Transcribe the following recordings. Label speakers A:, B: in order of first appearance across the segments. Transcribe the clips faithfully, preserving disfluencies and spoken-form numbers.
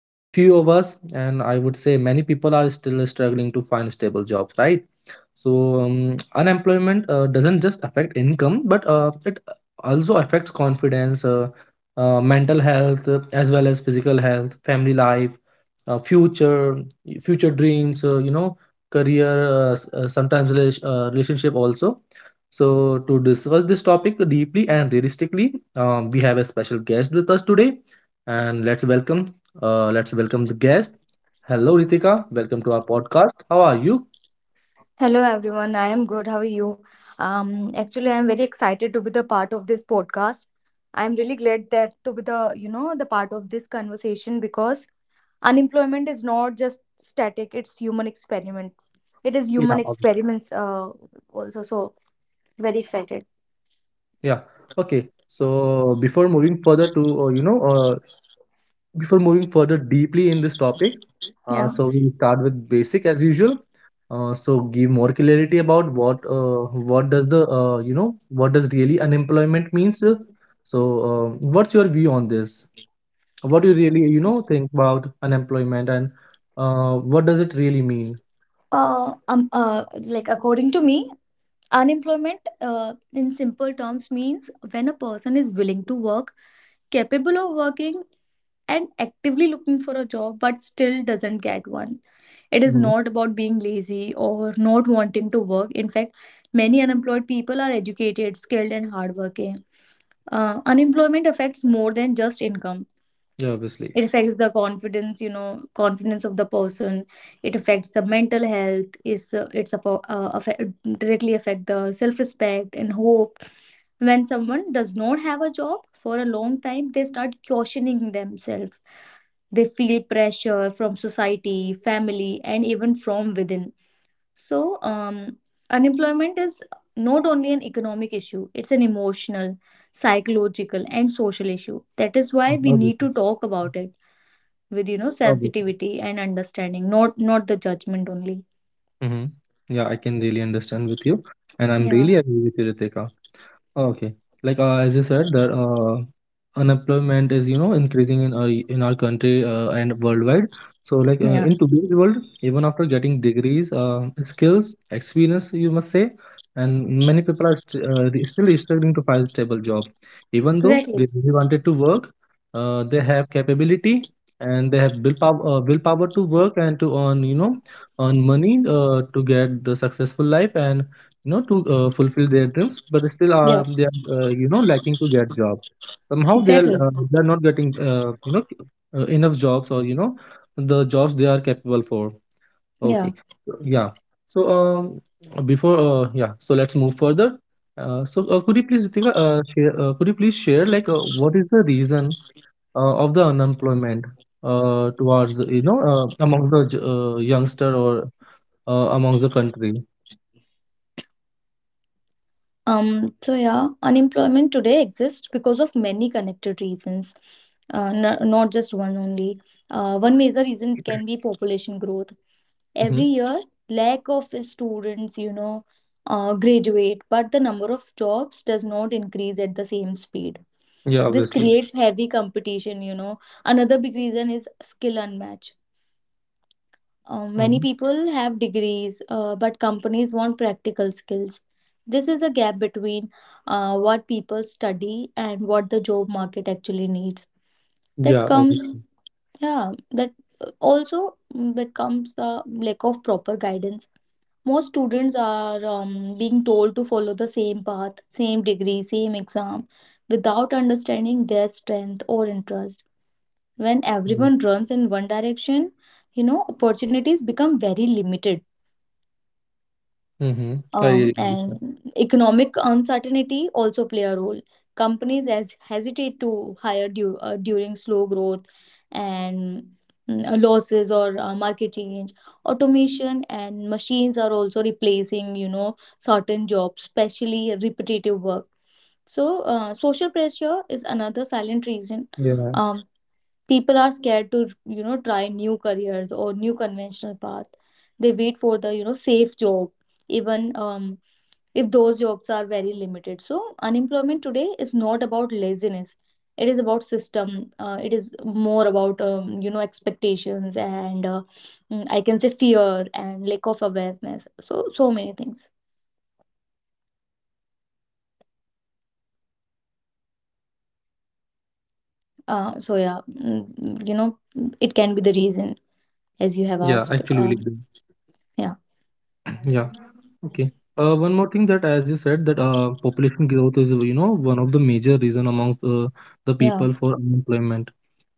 A: uh, few of us, and I would say many people are still struggling to find stable jobs, right? So um, unemployment uh, doesn't just affect income, but uh, it also affects confidence, uh, uh, mental health, uh, as well as physical health, family life, uh, future, future dreams. Uh, you know, career, uh, s- uh, sometimes rela- uh, relationship also. So to discuss this topic deeply and realistically, um, we have a special guest with us today, and let's welcome. Uh, let's welcome the guest. Hello, Ritika. Welcome to our podcast. How are you?
B: Hello everyone, I am good. How are you? Um, actually, I am very excited to be the part of this podcast. I am really glad that to be the you know the part of this conversation because unemployment is not just static; it's human experiment. It is
A: Yeah.
B: human experiments. Uh, also, so very excited.
A: Yeah. Okay. So before moving further to, uh, you know, uh, before moving further deeply in this topic, uh,
B: Yeah.
A: so we'll start with basic as usual. Uh, so give more clarity about what uh, what does the uh, you know what does really unemployment means. uh, So uh, what's your view on this? What do you really you know think about unemployment and uh, what does it really mean?
B: Uh, um, uh, like according to me, unemployment uh, in simple terms means when a person is willing to work, capable of working and actively looking for a job but still doesn't get one. It is
A: Mhm.
B: not about being lazy or not wanting to work. In fact, many unemployed people are educated, skilled, and hardworking. Uh, unemployment affects more than just income.
A: Yeah, obviously.
B: It affects the confidence, you know, confidence of the person. It affects the mental health. Is uh, It's about, uh, affect, directly affect the self respect and hope. When someone does not have a job for a long time, they start questioning themselves. They feel pressure from society, family, and even from within. So, um, unemployment is not only an economic issue, it's an emotional, psychological, and social issue. That is why we
A: Mhm,
B: need to talk about it with you know
A: obviously.
B: sensitivity and understanding, not not the judgment only.
A: Mhm. Yeah, I can really understand with you, and I'm
B: Yeah,
A: really agree with you, Ritika. Okay. Like uh, as you said, that uh, unemployment is you know increasing in our in our country uh, and worldwide. So like uh,
B: yeah,
A: in today's world, even after getting degrees, uh, skills, experience, you must say, and many people are st uh, they still struggling to find a stable job, even though
B: exactly.
A: they really wanted to work. Uh, they have capability and they have willpower, uh, willpower to work and to earn you know earn money uh, to get the successful life and you know to uh, fulfill their dreams but still
B: Yeah,
A: are they are uh, you know lacking to get job somehow they are
B: exactly.
A: uh, they are not getting uh, you know uh, enough jobs or you know the jobs they are capable for.
B: Yeah.
A: Okay. So, yeah so um before uh, yeah So let's move further. Uh, so uh, could you please, Ritika, uh, share uh, could you please share like uh, what is the reason uh, of the unemployment uh, towards the, you know uh, among the j- uh, youngster or uh, amongst the country?
B: Um, so yeah, unemployment today exists because of many connected reasons, uh, n- not just one only. Uh, one major reason can be population growth.
A: Hmm.
B: Every year, lack of students, you know, uh, graduate, but the number of jobs does not increase at the same speed.
A: Yeah,
B: This
A: obviously.
B: creates heavy competition, you know. Another big reason is skill unmatch. Uh, many
A: Mhm.
B: people have degrees, uh, but companies want practical skills. This is a gap between uh, what people study and what the job market actually needs.
A: Yeah,
B: That comes,
A: obviously.
B: Mhm. yeah, that uh, also mm, that comes the lack of proper guidance. Most students are um, being told to follow the same path, same degree, same exam, without understanding their strength or interest. When
A: Mhm.
B: everyone runs in one direction, you know, opportunities become very limited.
A: Mhm. I really
B: Um,
A: believe that.
B: and economic uncertainty also play a role. Companies as hesitate to hire due, uh, during slow growth and mm, uh, losses or uh, market change. Automation and machines are also replacing, you know, certain jobs, especially repetitive work. So, uh, social pressure is another silent reason.
A: Yeah.
B: Um, People are scared to, you know, try new careers or new conventional path. They wait for the, you know, safe job even um, if those jobs are very limited. So unemployment today is not about laziness. It is about system. Uh, it is more about um, you know expectations and uh, mm, I can say fear and lack of awareness. So so many things. Uh, so yeah, mm, you know it can be the reason as you have
A: Yeah,
B: asked.
A: actually really
B: Um,
A: do.
B: yeah,
A: Yeah. Okay. Uh, one more thing that, as you said, that uh, population growth is, you know, one of the major reason amongst uh, the people
B: yeah,
A: for unemployment.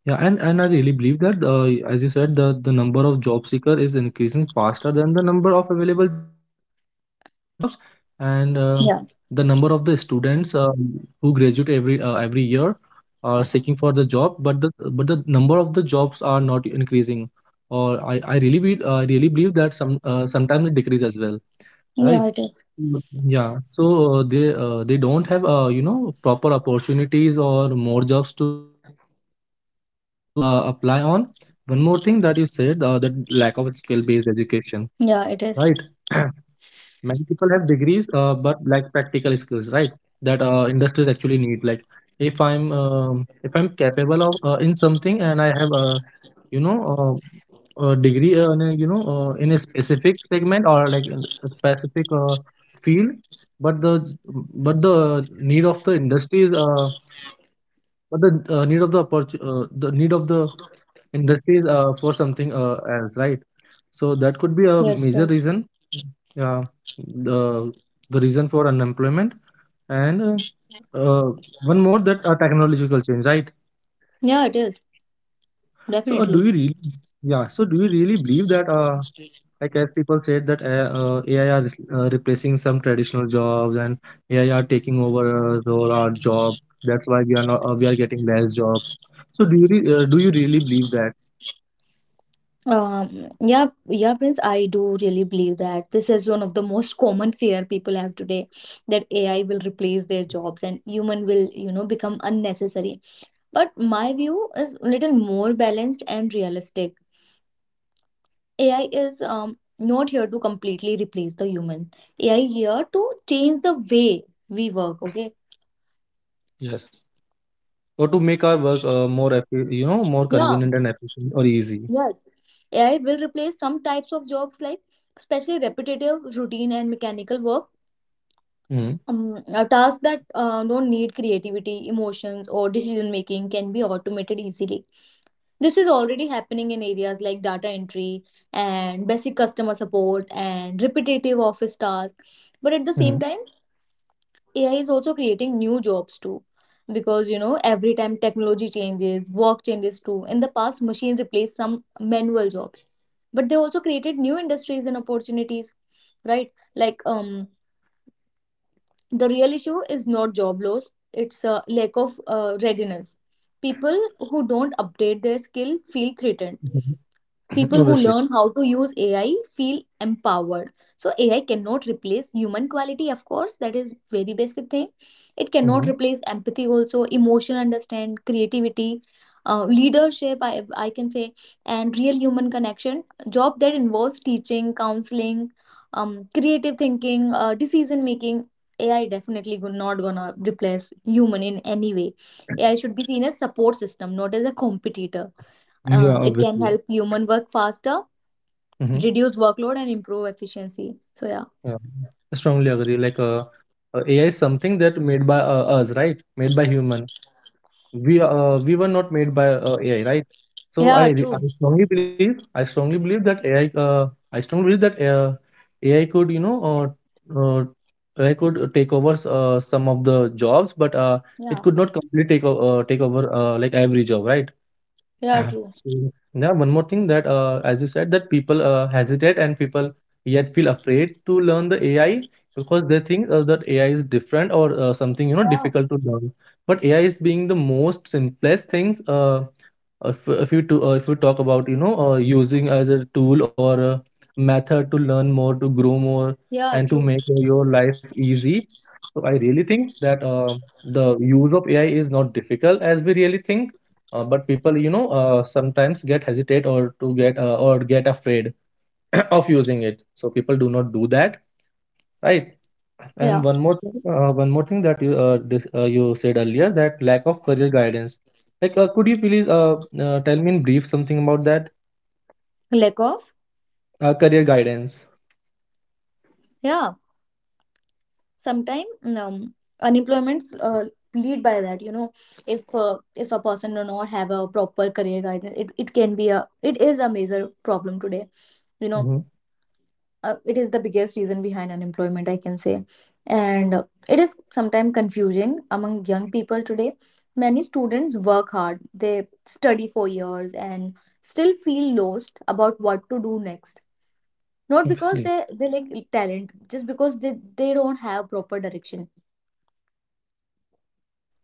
A: Yeah, and, and I really believe that, uh, as you said, the, the number of job seeker is increasing faster than the number of available jobs, and um, the number of the
B: yeah,
A: students uh, who graduate every uh, every year are seeking for the job, but the but the number of the jobs are not increasing, or I I really be, uh, really believe that some uh, sometimes it decreases as well, right?
B: yeah. It is.
A: Mm, Yeah, so uh, they uh, they don't have uh, you know proper opportunities or more jobs to uh, apply on. One more thing that you said uh, that lack of skill-based education, right?
B: Yeah, it is.
A: Many people have degrees uh, but like practical skills, right, that uh, industries actually need, like if i'm um, if I'm capable of uh, in something and I have a you know uh, a degree uh, in a, you know uh, in a specific segment or like in a specific uh, field but the but the need of the industry is uh, but the uh, need of the opportu- uh, the need of the industries uh, for something uh, else, right, so that could be a major
B: Yes,
A: reason,
B: yes.
A: yeah, the the reason for unemployment. And uh, uh, One more, that uh, technological change, right?
B: Yeah, it is
A: So, uh, do you
B: definitely.
A: really, yeah, so do you really believe that, uh, like as people said that uh, uh, A I are re- uh, replacing some traditional jobs and A I are taking over us or our job. That's why we are not, uh, we are getting less jobs. So do you re uh, do you really believe that?
B: Um, yeah, yeah, Prince, I do really believe that this is one of the most common fear people have today that A I will replace their jobs and human will, you know, become unnecessary. But my view is a little more balanced and realistic. A I is um not here to completely replace the human. A I here to change the way we work, okay?
A: Yes. Or to make our work uh, more, effi- you know, more
B: Yeah,
A: convenient and efficient or easy?
B: yeah. A I will replace some types of jobs like especially repetitive, routine and mechanical work.
A: Mm-hmm.
B: Um, uh, tasks that uh, don't need creativity, emotions, or decision making can be automated easily. This is already happening in areas like data entry and basic customer support and repetitive office tasks. But at the same time, A I is also creating new jobs too. Because you know, every time technology changes, work changes too. In the past, machines replaced some manual jobs, but they also created new industries and opportunities, right? Like, um the real issue is not job loss, it's a lack of uh, readiness. People who don't update their skill feel threatened.
A: Mm-hmm.
B: People who
A: Obviously.
B: learn how to use A I feel empowered. So A I cannot replace human quality. Of course, that is very basic thing. It cannot
A: Mm-hmm.
B: replace empathy, also emotion, understand creativity, uh, leadership, I, I can say, and real human connection. Job that involves teaching, counseling, um, creative thinking, uh, decision making, A I definitely go- not gonna replace human in any way. A I should be seen as support system, not as a competitor.
A: Yeah,
B: Um, it can
A: obviously.
B: help human work faster, reduce workload, and improve efficiency. So yeah,
A: Yeah, I strongly agree. Like, uh, uh, A I is something that made by uh, us, right? Made by human. We uh, we were not made by uh, A I, right? So I
B: yeah,
A: re- I
B: true.
A: strongly believe I strongly believe that A I uh, I strongly believe that uh, A I could you know uh, uh, A I could uh, take over s- uh, some of the jobs, but uh, it could not completely take o- uh, take over uh, like every job, right?
B: Yeah,
A: Uh, So, yeah, one more thing that, uh, as you said, that people uh, hesitate and people yet feel afraid to learn the A I because they think uh, that A I is different or uh, something, you know, difficult to learn. But A I is being the most simplest things. Uh, if if you to, uh, if you talk about you know uh, using as a tool or a method to learn more, to grow more
B: yeah,
A: and to
B: true.
A: make your life easy, so I really think that uh, the use of ai is not difficult as we really think, uh, but people you know uh, sometimes get hesitate or to get uh, or get afraid of using it, so people do not do that, right. And
B: Yeah,
A: one more thing, uh, one more thing that you uh, dis uh, you said earlier, that lack of career guidance. Like, uh, could you please uh, uh, tell me in brief something about that?
B: lack of
A: Uh, career guidance.
B: yeah. Sometimes um, unemployments uh, lead by that. You know, if uh, if a person do not have a proper career guidance, it, it can be a it is a major problem today. You know,
A: Hmm.
B: uh, it is the biggest reason behind unemployment, I can say. And uh, it is sometimes confusing among young people today. Many students work hard. They study for years and still feel lost about what to do next, not because
A: Obviously,
B: they they lack talent, just because they they don't have proper direction.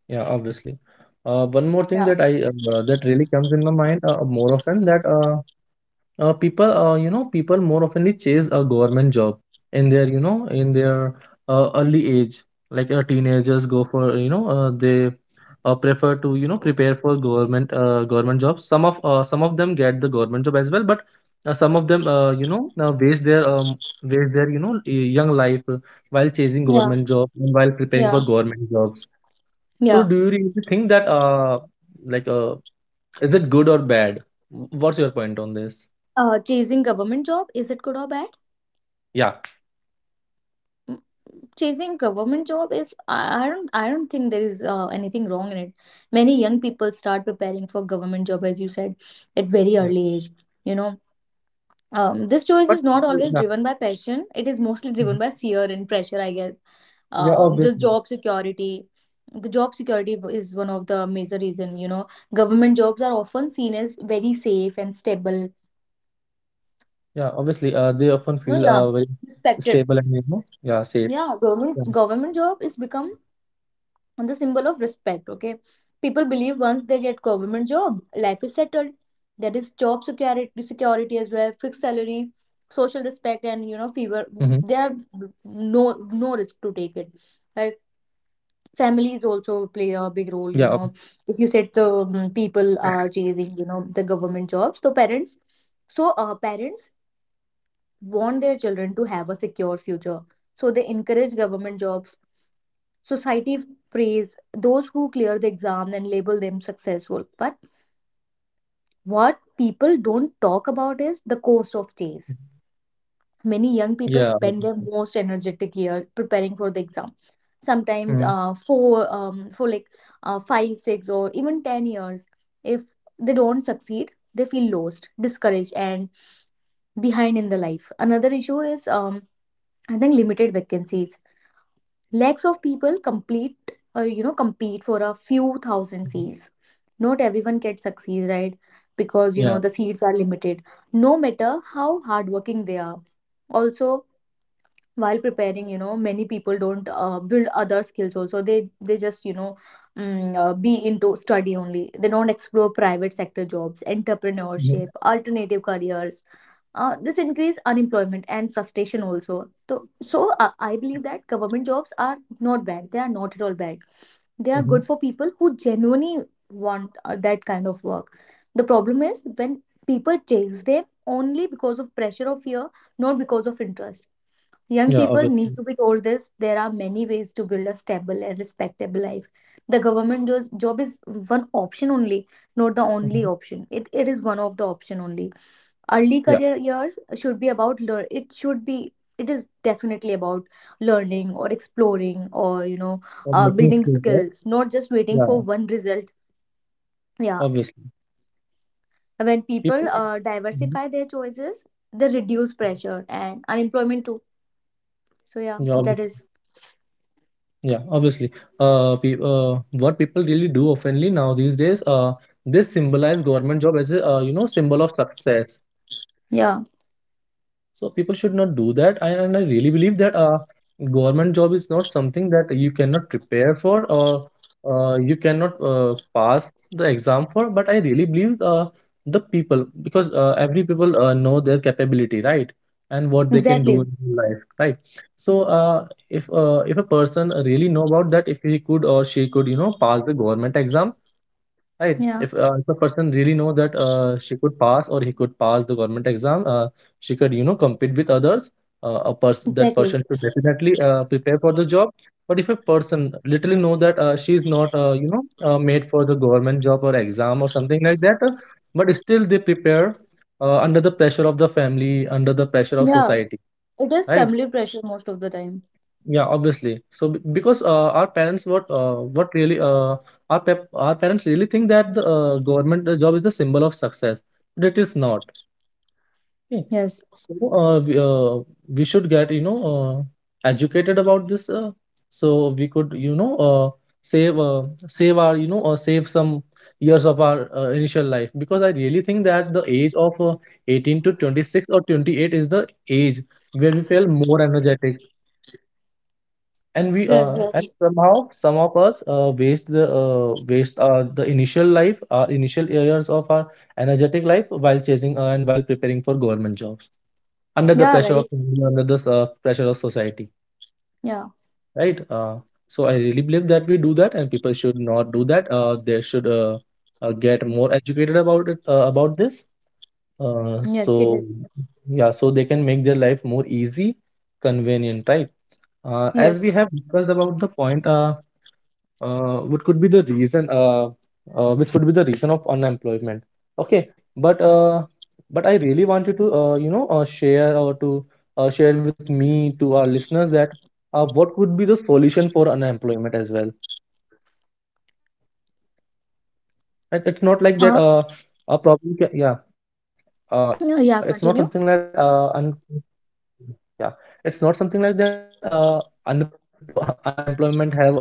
A: yeah, obviously. Uh, one more thing
B: Yeah,
A: that I uh, that really comes in my mind uh, more often, that uh, uh, people uh, you know people more oftenly chase a government job in their you know in their uh, early age, like uh, teenagers go for you know uh, they uh, prefer to you know prepare for government uh, government jobs. Some of uh, some of them get the government job as well but uh, some of them uh, you know uh, waste their um, waste their you know y- young life uh, while chasing
B: yeah,
A: government job and while preparing
B: yeah,
A: for government jobs. So
B: yeah.
A: do you really think that uh like uh is it good or bad? What's your point on this?
B: Uh, chasing government job, is it good or bad?
A: Yeah.
B: Mm, Chasing government job, is I I don't I don't think there is uh, anything wrong in it. Many young people start preparing for government job, as you said, at very
A: Yeah.
B: early age. you know um, this choice
A: But
B: is not always
A: yeah,
B: driven by passion, it is mostly
A: mhm.
B: driven by fear and pressure, I guess.
A: Yeah,
B: um, the
A: obviously.
B: job security the job security is one of the major reason you know Government jobs are often seen as very safe and stable.
A: Yeah, obviously, uh, they often
B: No,
A: feel
B: yeah.
A: uh very
B: Respected.
A: stable and you know, yeah, safe.
B: Yeah, government
A: Yeah,
B: government job is become and the symbol of respect, okay. People believe once they get government job, life is settled. There is job security security as well, fixed salary, social
A: mm-hmm.
B: respect and you know fever. There are no no risk to take it, right? Families
A: Yeah, ob-.
B: also play a big role you know If you said the, um, people are chasing you know the government jobs, so parents so uh, parents want their children to have a secure future, so they encourage government jobs. Society praise those who clear the exam and label them successful. But what people don't talk about is the cost of days. Many young
A: Yeah,
B: people spend their most energetic year preparing for the exam.
A: mm-hmm.
B: Sometimes uh, four, um, for like uh, five, six, or even ten years. If they don't succeed, they feel lost, discouraged, and behind in the life. Another issue is um, I think limited vacancies. Lakhs of people complete, uh, you know, compete for a few thousand seats. Not everyone can succeed, right? Because you
A: Yeah,
B: know the seats are limited. No matter how hardworking they are. Also, while preparing you know many people don't uh, build other skills also. They they just you know mm, uh, be into study only. They don't explore private sector jobs,
A: mm-hmm.
B: entrepreneurship, alternative careers. Uh, this increase unemployment and frustration also. So so uh, I believe that government jobs are not bad. They are not at all bad. They are
A: Mm-hmm.
B: good for people who genuinely want uh, that kind of work. The problem is when people chase them only because of pressure or fear, not because of interest. Young
A: Yeah,
B: people
A: obviously,
B: need to be told this. There are many ways to build a stable and respectable life. The government jo- job is one option only, not the only
A: mm-hmm.
B: option. It, it is one of the option only. Early
A: Yeah.
B: career years should be about learn. It should be. It is definitely about learning or exploring or you know,
A: Or
B: uh,
A: making
B: building
A: sleep, right?
B: skills, not just waiting for
A: Yeah,
B: one result. Yeah,
A: obviously,
B: when people
A: people.
B: uh,
A: Mhm.
B: diversify their choices, they reduce pressure and unemployment too. So yeah,
A: Yeah, obvi-,
B: that is
A: yeah, obviously. Uh, pe uh, What people really do oftenly now these days, uh, they symbolize government job as a uh, you know symbol of success.
B: yeah,
A: So people should not do that. And, and I really believe that uh, government job is not something that you cannot prepare for or uh, you cannot uh, pass the exam for. But I really believe uh, the people because uh, every people uh, know their capability, right? And what they can do
B: exactly.
A: in life, right? So uh, if uh, if a person really know about that, if he could or she could, you know, pass the government exam, right.
B: Yeah,
A: If, uh, if a person really know that uh, she could pass or he could pass the government exam, uh, she could you know compete with others. Uh, a person That
B: exactly.
A: person should definitely uh, prepare for the job. But if a person literally know that uh, she is not uh, you know uh, made for the government job or exam or something like that, uh, but still they prepare uh, under the pressure of the family, under the pressure of
B: Yeah,
A: society.
B: it is
A: Right.
B: family pressure most of the time.
A: Yeah, obviously. So be- because uh, our parents, what uh, what really uh, our pep our parents really think that the uh, government uh, job is the symbol of success, but it is not. Okay.
B: Yes.
A: So uh, we, uh, we should get you know uh, educated about this, uh, so we could you know uh, save uh, save our you know uh, save some years of our uh, initial life, because I really think that the age of uh, eighteen to twenty-six or twenty-eight is the age where we feel more energetic. And we
B: Yes,
A: uh and
B: yes.
A: somehow, some of us uh waste the uh waste uh the initial life uh initial years of our energetic life while chasing uh, and while preparing for government jobs under the
B: Yeah,
A: pressure
B: very.
A: of, under the uh, pressure of society,
B: Yeah.
A: right? Uh so I really believe that we do that and people should not do that. Uh they should uh, uh get more educated about it, uh, about this. uh
B: Yes, it is.
A: so yeah, so they can make their life more easy, convenient, right? Uh, as
B: Yes.
A: we have discussed about the point, uh uh, what could be the reason, uh, uh, which could be the reason of unemployment. Okay, but uh, but I really want you to uh, you know uh, share, or to uh, share with me, to our listeners, that uh, what could be the solution for unemployment as well, right? It's not like that. Uh,
B: Uh,
A: a problem ca- yeah. Uh, it's not something like that.
B: no,
A: uh,
B: yeah,
A: un-
B: continue.
A: Yeah, it's not something like that. Uh, unempl- unemployment have, uh, you know, reasons only,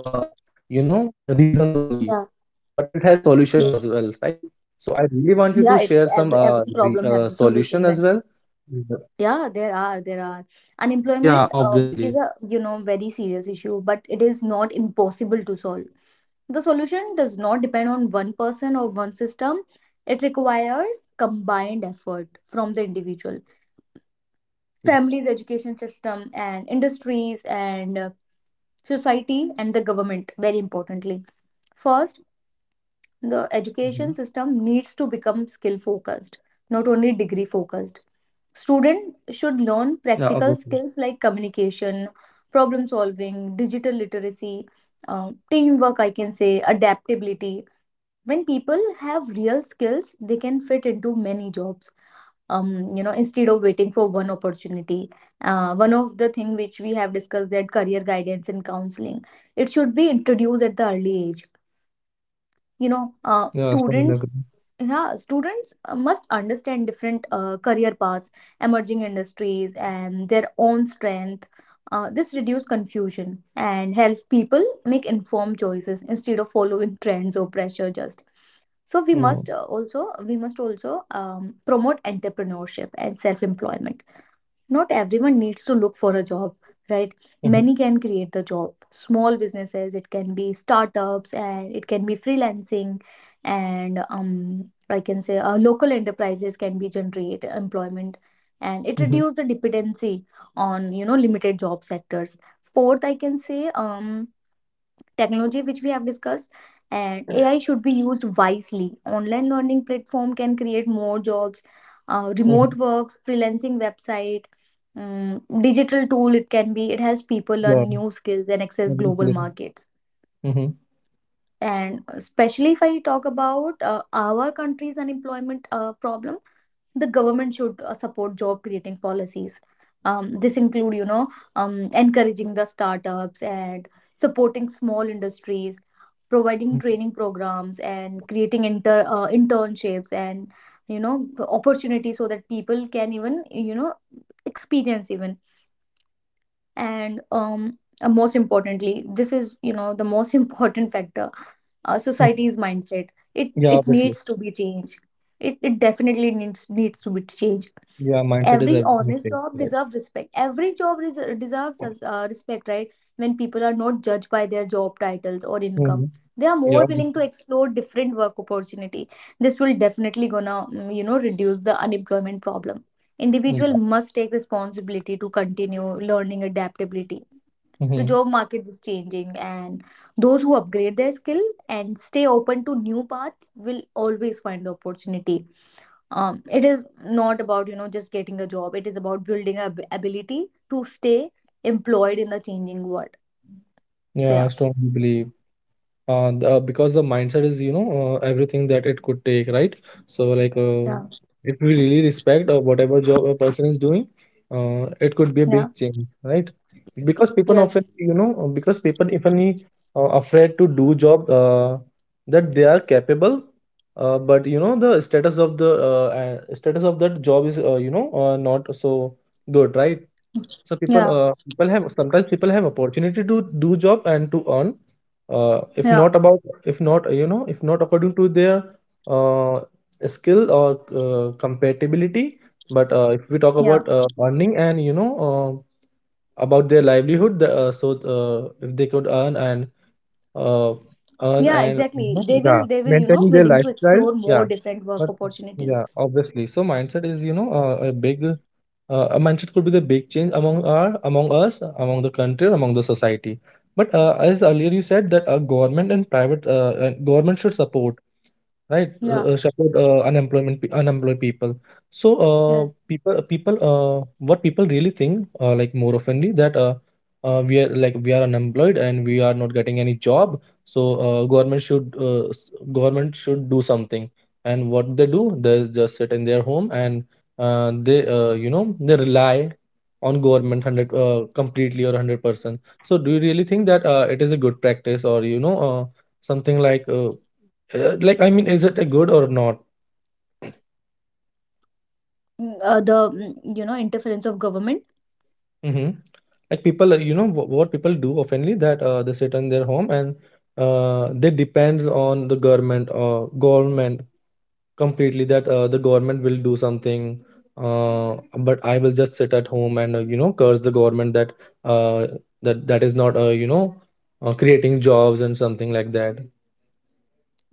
A: but it has solution as well, right?
B: Yeah.
A: So I really want you to share
B: Yes.
A: some uh, re- uh solution as well.
B: Yeah, it every,
A: Mhm.
B: every problem have the solution, right?
A: Yeah,
B: Yeah,
A: obviously.
B: there are, there are. Unemployment um, is a, you know, very serious issue, but it is not impossible to solve. The solution does not depend on one person or one system. It requires combined effort from the
A: Mm.
B: individual, families, education system and industries, and uh, society and the government. Very importantly, first,
A: Mhm.
B: the education system needs to become skill focused, not only degree focused.
A: Yeah,
B: Student
A: obviously.
B: should learn practical skills like communication, problem solving, digital literacy, uh, teamwork, I can say adaptability. When
A: Mm-hmm.
B: people have real skills, they can fit into many jobs um, you know, instead of waiting for one opportunity. Uh, one of the thing which we have discussed, that career guidance and counseling, it should be
A: Mm-hmm.
B: introduced at the early age, you
A: Yeah,
B: know.
A: strong
B: Uh,
A: agree.
B: students, yeah, students uh, must understand different uh, career paths, emerging industries and their own strength. Uh, this reduces confusion and helps people make informed choices instead of following trends or pressure just. So we
A: Mm-hmm.
B: must uh, also we must also um, promote entrepreneurship and self employment. Not everyone needs to look for a job, right?
A: Mm-hmm.
B: Many can create the job: small businesses, it can be startups, and it can be freelancing. And um I can say uh, local enterprises can be generate employment, and it reduce the dependency on, you know, limited job sectors. Fourth, I can say, um technology, which we have discussed, and AI should be used wisely. Online learning platform can create more jobs, uh,
A: Mm-hmm.
B: remote works, freelancing website, um, digital tool, it can be, it helps people
A: Yeah,
B: learn new skills and access global
A: obviously.
B: markets.
A: Mm-hmm.
B: And especially if I talk about uh, our country's unemployment uh, problem, the government should uh, support job creating policies. Um, this include, you know, um, encouraging the startups and supporting small industries, providing training programs and creating inter uh, internships and, you know, opportunities so that people can even, you know, experience even. And um uh, most importantly, this is, you know, the most important factor: uh,
A: Hmm.
B: society's mindset. it
A: Yeah,
B: it
A: obviously.
B: needs to be changed. It, it definitely needs needs to be changed.
A: Yeah, mindset is
B: Every honest
A: everything.
B: job
A: Right.
B: deserves respect. every job res- deserves uh, respect, right? When people are not judged by their job titles or income,
A: Mm-hmm.
B: they are
A: Yeah,
B: more willing to
A: obviously.
B: explore different work opportunity. This will definitely gonna mm, you know, reduce the unemployment problem. Individual
A: Yeah.
B: must take responsibility to continue learning, adaptability. The
A: Mm-hmm.
B: job market is changing, and those who upgrade their skill and stay open to new path will always find the opportunity. Um, it is not about, you know, just getting a job, it is about building a ab- ability to stay employed in the changing world. So
A: Yeah, I
B: yeah.
A: strongly believe uh, the, uh, because the mindset is, you know, uh, everything that it could take, right? So, like, uh,
B: Yeah.
A: if we really respect uh, whatever job a person is doing, uh, it could be
B: Yeah.
A: a big change, right? Because people
B: Yes.
A: often, you know, uh, because people often uh, afraid to do job uh, that they are capable, uh, but you know, the status of the uh, uh, status of that job is, uh, you know, uh, not so good, right? So people,
B: Yeah,
A: uh, people have sometimes people have opportunity to do job and to earn. Uh, if
B: yeah,
A: not about, if not, you know, if not according to their uh, skill or uh, compatibility, but uh, if we talk about
B: yeah.
A: uh, earning and you know uh, about their livelihood, the, uh, so uh, if they could earn and uh, earn
B: Yeah,
A: and, you know,
B: exactly, they
A: yeah,
B: will, they will, you know,
A: maintaining their
B: willing to
A: lifestyle,
B: explore
A: yeah,
B: more different work
A: but yeah,
B: opportunities.
A: obviously. So mindset is, you know, uh, a big uh, a mindset could be the big change among our, among us, among the country, or among the society. But uh, as earlier you said that uh, government and private uh, uh, government should support, right? Uh,
B: Yeah.
A: uh, support uh, unemployment pe- unemployed people. So uh,
B: Yeah.
A: people uh, people uh, what people really think uh, like, more oftenly, that uh, uh, we are like we are unemployed and we are not getting any job. So uh, government should uh, s- government should do something. And what they do, they just sit in their home and uh, they uh, you know, they rely on government hundred uh, completely, or hundred percent. So do you really think that uh, it is a good practice or, you know, uh, something like? Uh, uh, like, I mean, is it a good or not?
B: Mm, uh, the, mm, you know, interference of government.
A: Hmm. Like people, uh, you know, wh- what people do oftenly, that uh, they sit in their home and uh, they depends on the government, uh, government completely, that uh, the government will do something. Uh, but I will just sit at home and uh, you know, curse the government that uh, that that is not, uh, you know uh, creating jobs and something like that.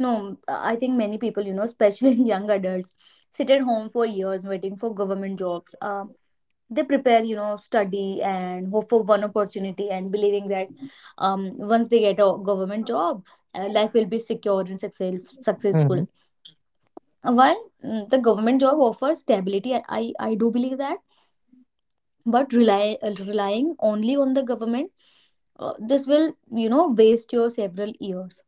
B: No. mm, I think many people, you know, especially young adults, sit at home for years waiting for government jobs. Um. They prepare, you know, study and hope for one opportunity and believing that, um, once they get a government job, uh, life will be secure and success,
A: Hmm.
B: successful. While, mm, the government job offers stability, i, I I do believe that. But rely, uh, relying only on the government, uh, this will, you know, waste your several years,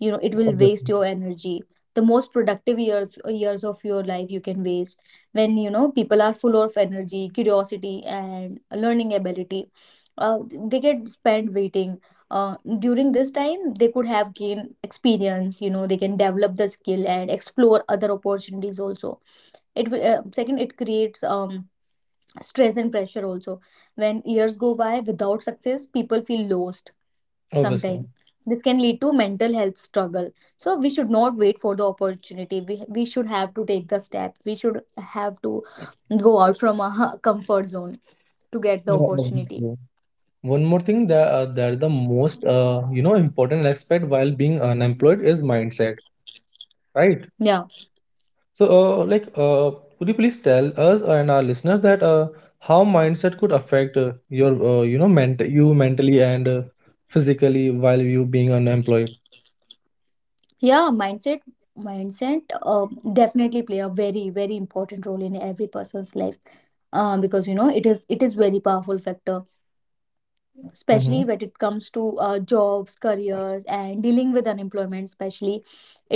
B: you know. It will waste
A: Obviously.
B: your energy. The most productive years years of your life you can waste. When, you know, people are full of energy, curiosity and learning ability, uh, they get spent waiting. uh, During this time they could have gained experience, you know, they can develop the skill and explore other opportunities also. It will, uh, second, it creates um, stress and pressure also. When years go by without success, people feel lost
A: Obviously.
B: sometime. This can lead to mental health struggle. So we should not wait for the opportunity. We, we should have to take the step. We should have to go out from our comfort zone to get the
A: Yeah,
B: opportunity.
A: obviously. One more thing that uh, that the most, uh, you know, important aspect while being unemployed is mindset, right?
B: Yeah.
A: So, uh, like, uh, could you please tell us and our listeners that uh, how mindset could affect uh, your uh, you know, ment you mentally and uh, physically while you being unemployed?
B: Yeah. Mindset. Mindset uh, definitely play a very, very important role in every person's life, uh, because, you know, it is it is very powerful factor,
A: Mm-hmm.
B: especially when it comes to uh, jobs, careers and dealing with unemployment, especially.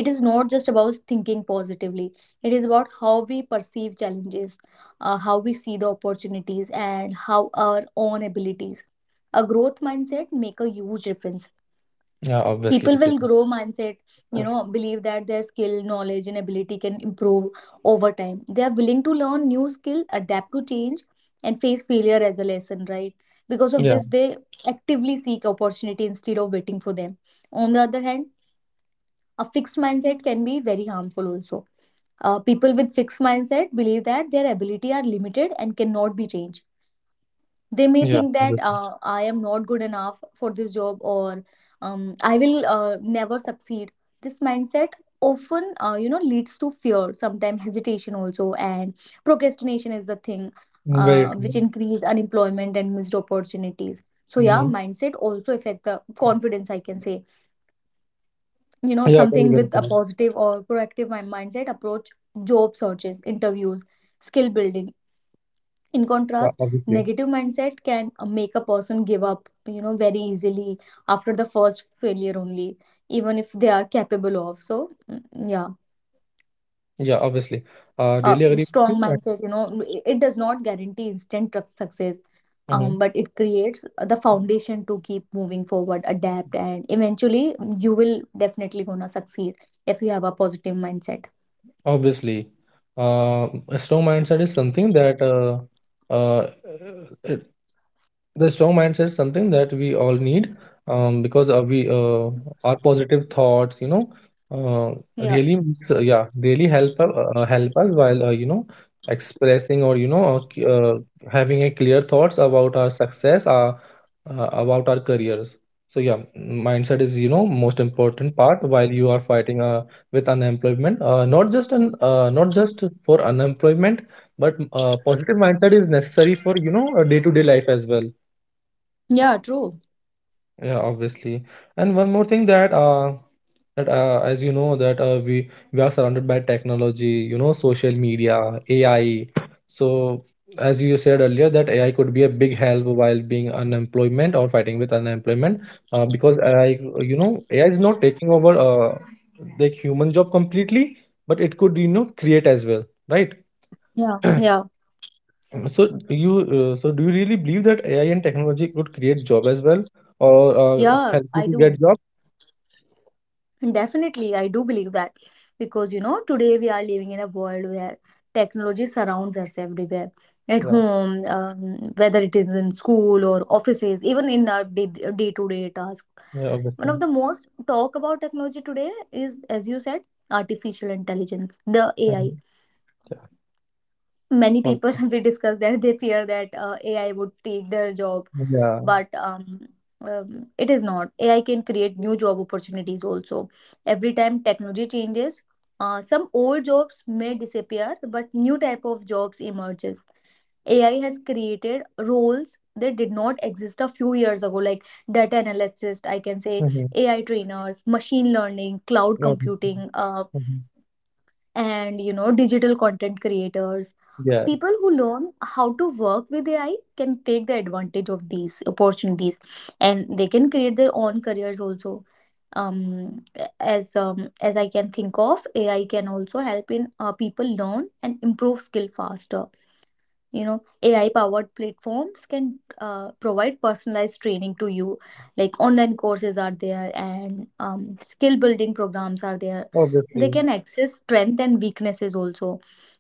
B: It is not just about thinking positively. It is about how we perceive challenges, uh, how we see the opportunities and how our own abilities. A growth mindset make a huge difference.
A: Yeah, obviously,
B: People
A: Ritik.
B: will grow mindset, you know, believe that their skill, knowledge and ability can improve over time. They are willing to learn new skill, adapt to change, and face failure as a lesson, right? Because of
A: Yeah,
B: this, they actively seek opportunity instead of waiting for them. On the other hand, a fixed mindset can be very harmful also. Uh, people with fixed mindset believe that their ability are limited and cannot be changed. They may
A: yeah,
B: think that,
A: obviously.
B: uh, I am not good enough for this job, or um, I will uh, never succeed. This mindset often uh, you know, leads to fear, sometimes hesitation also, and procrastination is the thing
A: Very
B: uh,
A: true.
B: which increase unemployment and missed opportunities. So yeah,
A: Mm-hmm.
B: mindset also affect the confidence, I can say, you know,
A: Yeah, very
B: something
A: well
B: with a
A: said.
B: positive or proactive mi- mindset approach: job searches, interviews, skill building. In
A: Yeah,
B: contrast,
A: obviously.
B: negative mindset can uh, make a person give up, you know, very easily, after the first failure only, even if they are capable of. So, mm, yeah.
A: Yeah, obviously. Uh,
B: uh,
A: really agree with
B: Strong
A: you.
B: mindset, you know, it, it does not guarantee instant tru- success,
A: Mm-hmm.
B: um, but it creates the foundation to keep moving forward, adapt, and eventually you will definitely gonna succeed if you have a positive mindset.
A: Obviously, uh, a strong mindset is something that uh, uh, it, the strong mindset is something that we all need, um, because uh, we uh, our positive thoughts, you know, uh,
B: Yeah.
A: really makes, uh, yeah really help uh, uh, help us while, uh, you know, expressing or, you know uh, c- uh, having a clear thoughts about our success, our, uh, about our careers. So yeah, mindset is, you know, most important part while you are fighting a with unemployment. Uh, not just an uh, not just for unemployment, but uh, positive mindset is necessary for, you know, day to day life as well.
B: Yeah, true.
A: Yeah, obviously. And one more thing that uh that uh, as you know that uh, we we are surrounded by technology, you know, social media, A I. So as you said earlier, that A I could be a big help while being unemployment or fighting with unemployment, uh, because A I, you know, A I is not taking over uh like human job completely, but it could, you know, create as well, right?
B: Yeah. Yeah.
A: So you uh, so do you really believe that A I and technology could create job as well, or uh,
B: Yeah,
A: help you
B: I
A: to
B: do.
A: get job?
B: Definitely, I do believe that, because, you know, today we are living in a world where technology surrounds us everywhere: at
A: Yeah,
B: home, um, whether it is in school or offices, even in our day to day task.
A: yeah,
B: One of
A: obviously.
B: the most talk about technology today is, as you said, artificial intelligence, the A I.
A: Mhm. Yeah,
B: Many people
A: obviously.
B: we discuss that they fear that uh, A I would take their job,
A: Yeah.
B: but um, um, it is not, AI can create new job opportunities also. Every time technology changes, uh, some old jobs may disappear, but new type of jobs emerges. A I has created roles that did not exist a few years ago, like data analysis, I can say,
A: Hmm.
B: A I trainers, machine learning, cloud
A: Obviously.
B: computing, uh,
A: Hmm.
B: and, you know, digital content creators.
A: Yes,
B: People who learn how to work with AI can take the advantage of these opportunities, and they can create their own careers also. um as um as I can think of, AI can also help in, uh, people learn and improve skill faster. You know, AI powered platforms can uh, provide personalized training to you, like online courses are there, and um, skill building programs are there. They
A: obviously.
B: can access strength and weaknesses also.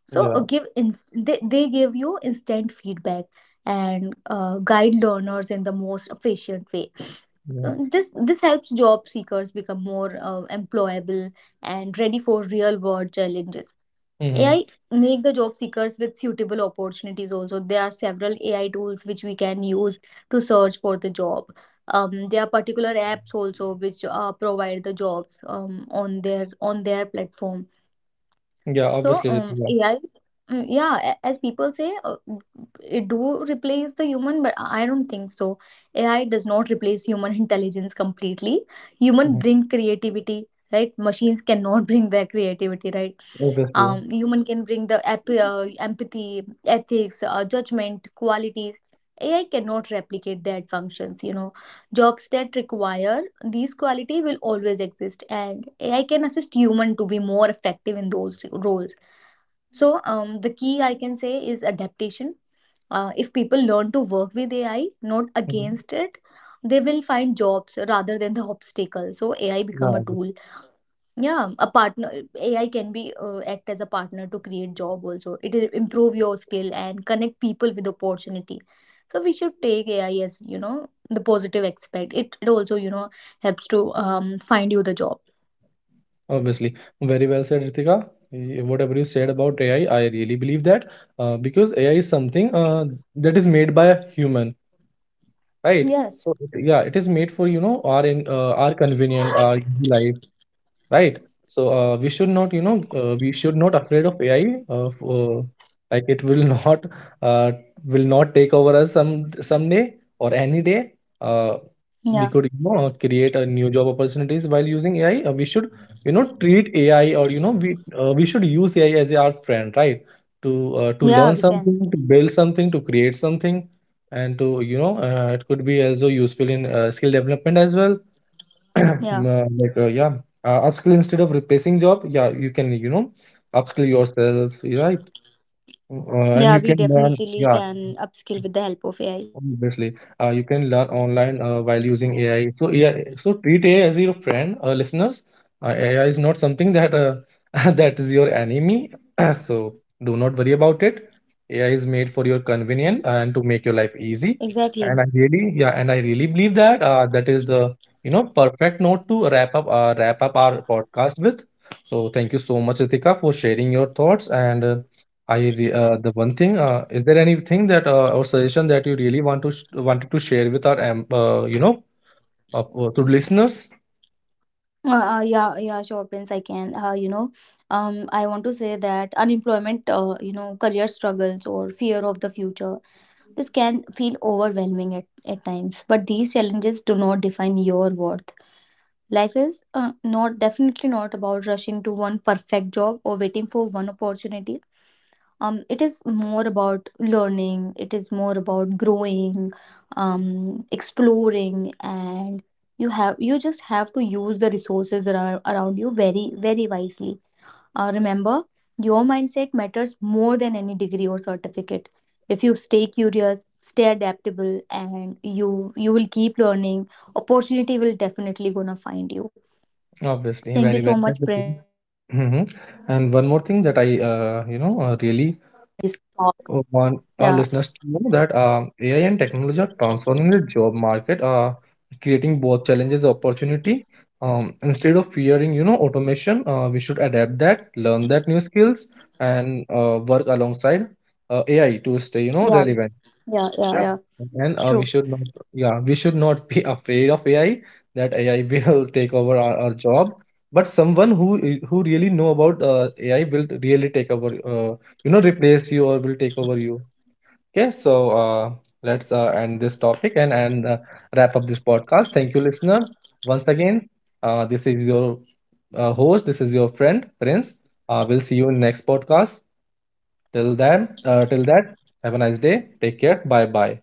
B: So uh,
A: Yeah,
B: give inst- they, they give you instant feedback and uh, guide learners in the most efficient way. Uh,
A: yeah.
B: this this helps job seekers become more uh, employable and ready for real world challenges.
A: Hmm.
B: A I make the job seekers with suitable opportunities also. There are several A I tools which we can use to search for the job. Um, there are particular apps also which uh, provide the jobs um, on their on their platform.
A: Yeah,
B: So
A: obviously,
B: um,
A: Ritika.
B: A I, mm, yeah, a- as people say, uh, it do replace the human, but I I don't think so. A I does not replace human intelligence completely. Human
A: Hmm.
B: bring creativity, right? Machines cannot bring their creativity, right?
A: Obviously.
B: Um, human can bring the ep- uh, empathy, ethics, uh, judgment qualities. AI cannot replicate that functions, you know. Jobs that require these quality will always exist, and AI can assist human to be more effective in those roles. So um, the key, I can say, is adaptation. Uh, if people learn to work with AI not
A: Hmm.
B: against it, they will find jobs rather than the obstacle. So AI
A: Yeah,
B: become a
A: obvi-
B: tool, yeah, a partner. A I can be uh, act as a partner to create job also. It will improve your skill and connect people with opportunity. So we should take A I as, you know, the positive aspect. It it also, you know, helps to um find you the job.
A: obviously. Very well said, Ritika. Y- Whatever you said about A I, I I really believe that, uh, because A I is something uh, that is made by a human, right?
B: Yes.
A: So it— yeah, it is made for, you know, our in uh, our convenient, our easy life, right? So uh, we should not, you know, uh, we should not afraid of AI. uh, f- uh, like, it will not uh, will not take over us, some someday or any day. uh, we
B: Yeah.
A: could, you know, uh, create a new job opportunities while using AI. Uh, we should, you know, treat AI, or you know, we uh, we should use AI as our friend, right? To uh, to learn
B: Yeah, we
A: something,
B: can.
A: to build something, to create something, and to, you know, uh, it could be also useful in uh, skill development as well.
B: Yeah.
A: Uh, like uh, yeah, uh, upskill instead of replacing job. Yeah, you can, you know, upskill yourself, right? Uh, and
B: Yeah,
A: you
B: we
A: can learn,
B: definitely
A: yeah.
B: can upskill with the help of A I.
A: Obviously, uh, you can learn online uh, while using A I. So A I, so treat A I as your friend, uh, listeners. Uh, A I is not something that uh, that is your enemy. So do not worry about it. A I is made for your convenience and to make your life easy.
B: Exactly.
A: And I really, yeah, and I really believe that uh, that is the, you know, perfect note to wrap up uh, wrap up our podcast with. So thank you so much, Ritika, for sharing your thoughts. And uh, I re- uh, the one thing, uh, is there anything that, uh, or suggestion that you really want to sh- wanted to share with our, um, uh, you know, uh, uh, to listeners?
B: Uh, uh, yeah, yeah, sure, Prince, I can. Uh, you know, um, I want to say that unemployment, uh, you know, career struggles or fear of the future, this can feel overwhelming at, at times, but these challenges do not define your worth. Life is uh, not, definitely not, about rushing to one perfect job or waiting for one opportunity. Um, it is more about learning. It is more about growing, um, exploring, and you have you just have to use the resources around, around you very, very wisely. Uh, remember, your mindset matters more than any degree or certificate. If you stay curious, stay adaptable, and you you will keep learning, opportunity will definitely gonna find you.
A: Obviously,
B: Thank you
A: very
B: so
A: well.
B: much, Prince.
A: Mm-hmm. And one more thing that I, uh, you know uh, really want our listeners to
C: Yeah,
A: know, that um, A I and technology are transforming the job market, uh, creating both challenges and opportunity. Um, instead of fearing, you know, automation, uh, we should adapt that, learn that new skills, and uh, work alongside uh, A I to stay, you know,
C: yeah,
A: relevant.
C: yeah, yeah,
A: Yeah,
C: yeah.
A: and uh, we
C: True.
A: should not, yeah, we should not be afraid of A I. That A I will take over our, our job. But someone who who really know about uh, A I will really take over, uh, you know, replace you or will take over you. Okay, so uh, let's uh, end this topic and, and uh, wrap up this podcast. Thank you, listener. Once again, uh, this is your uh, host. This is your friend, Prince. Uh, we'll see you in next podcast. Till then, uh, till that, have a nice day. Take care. Bye bye.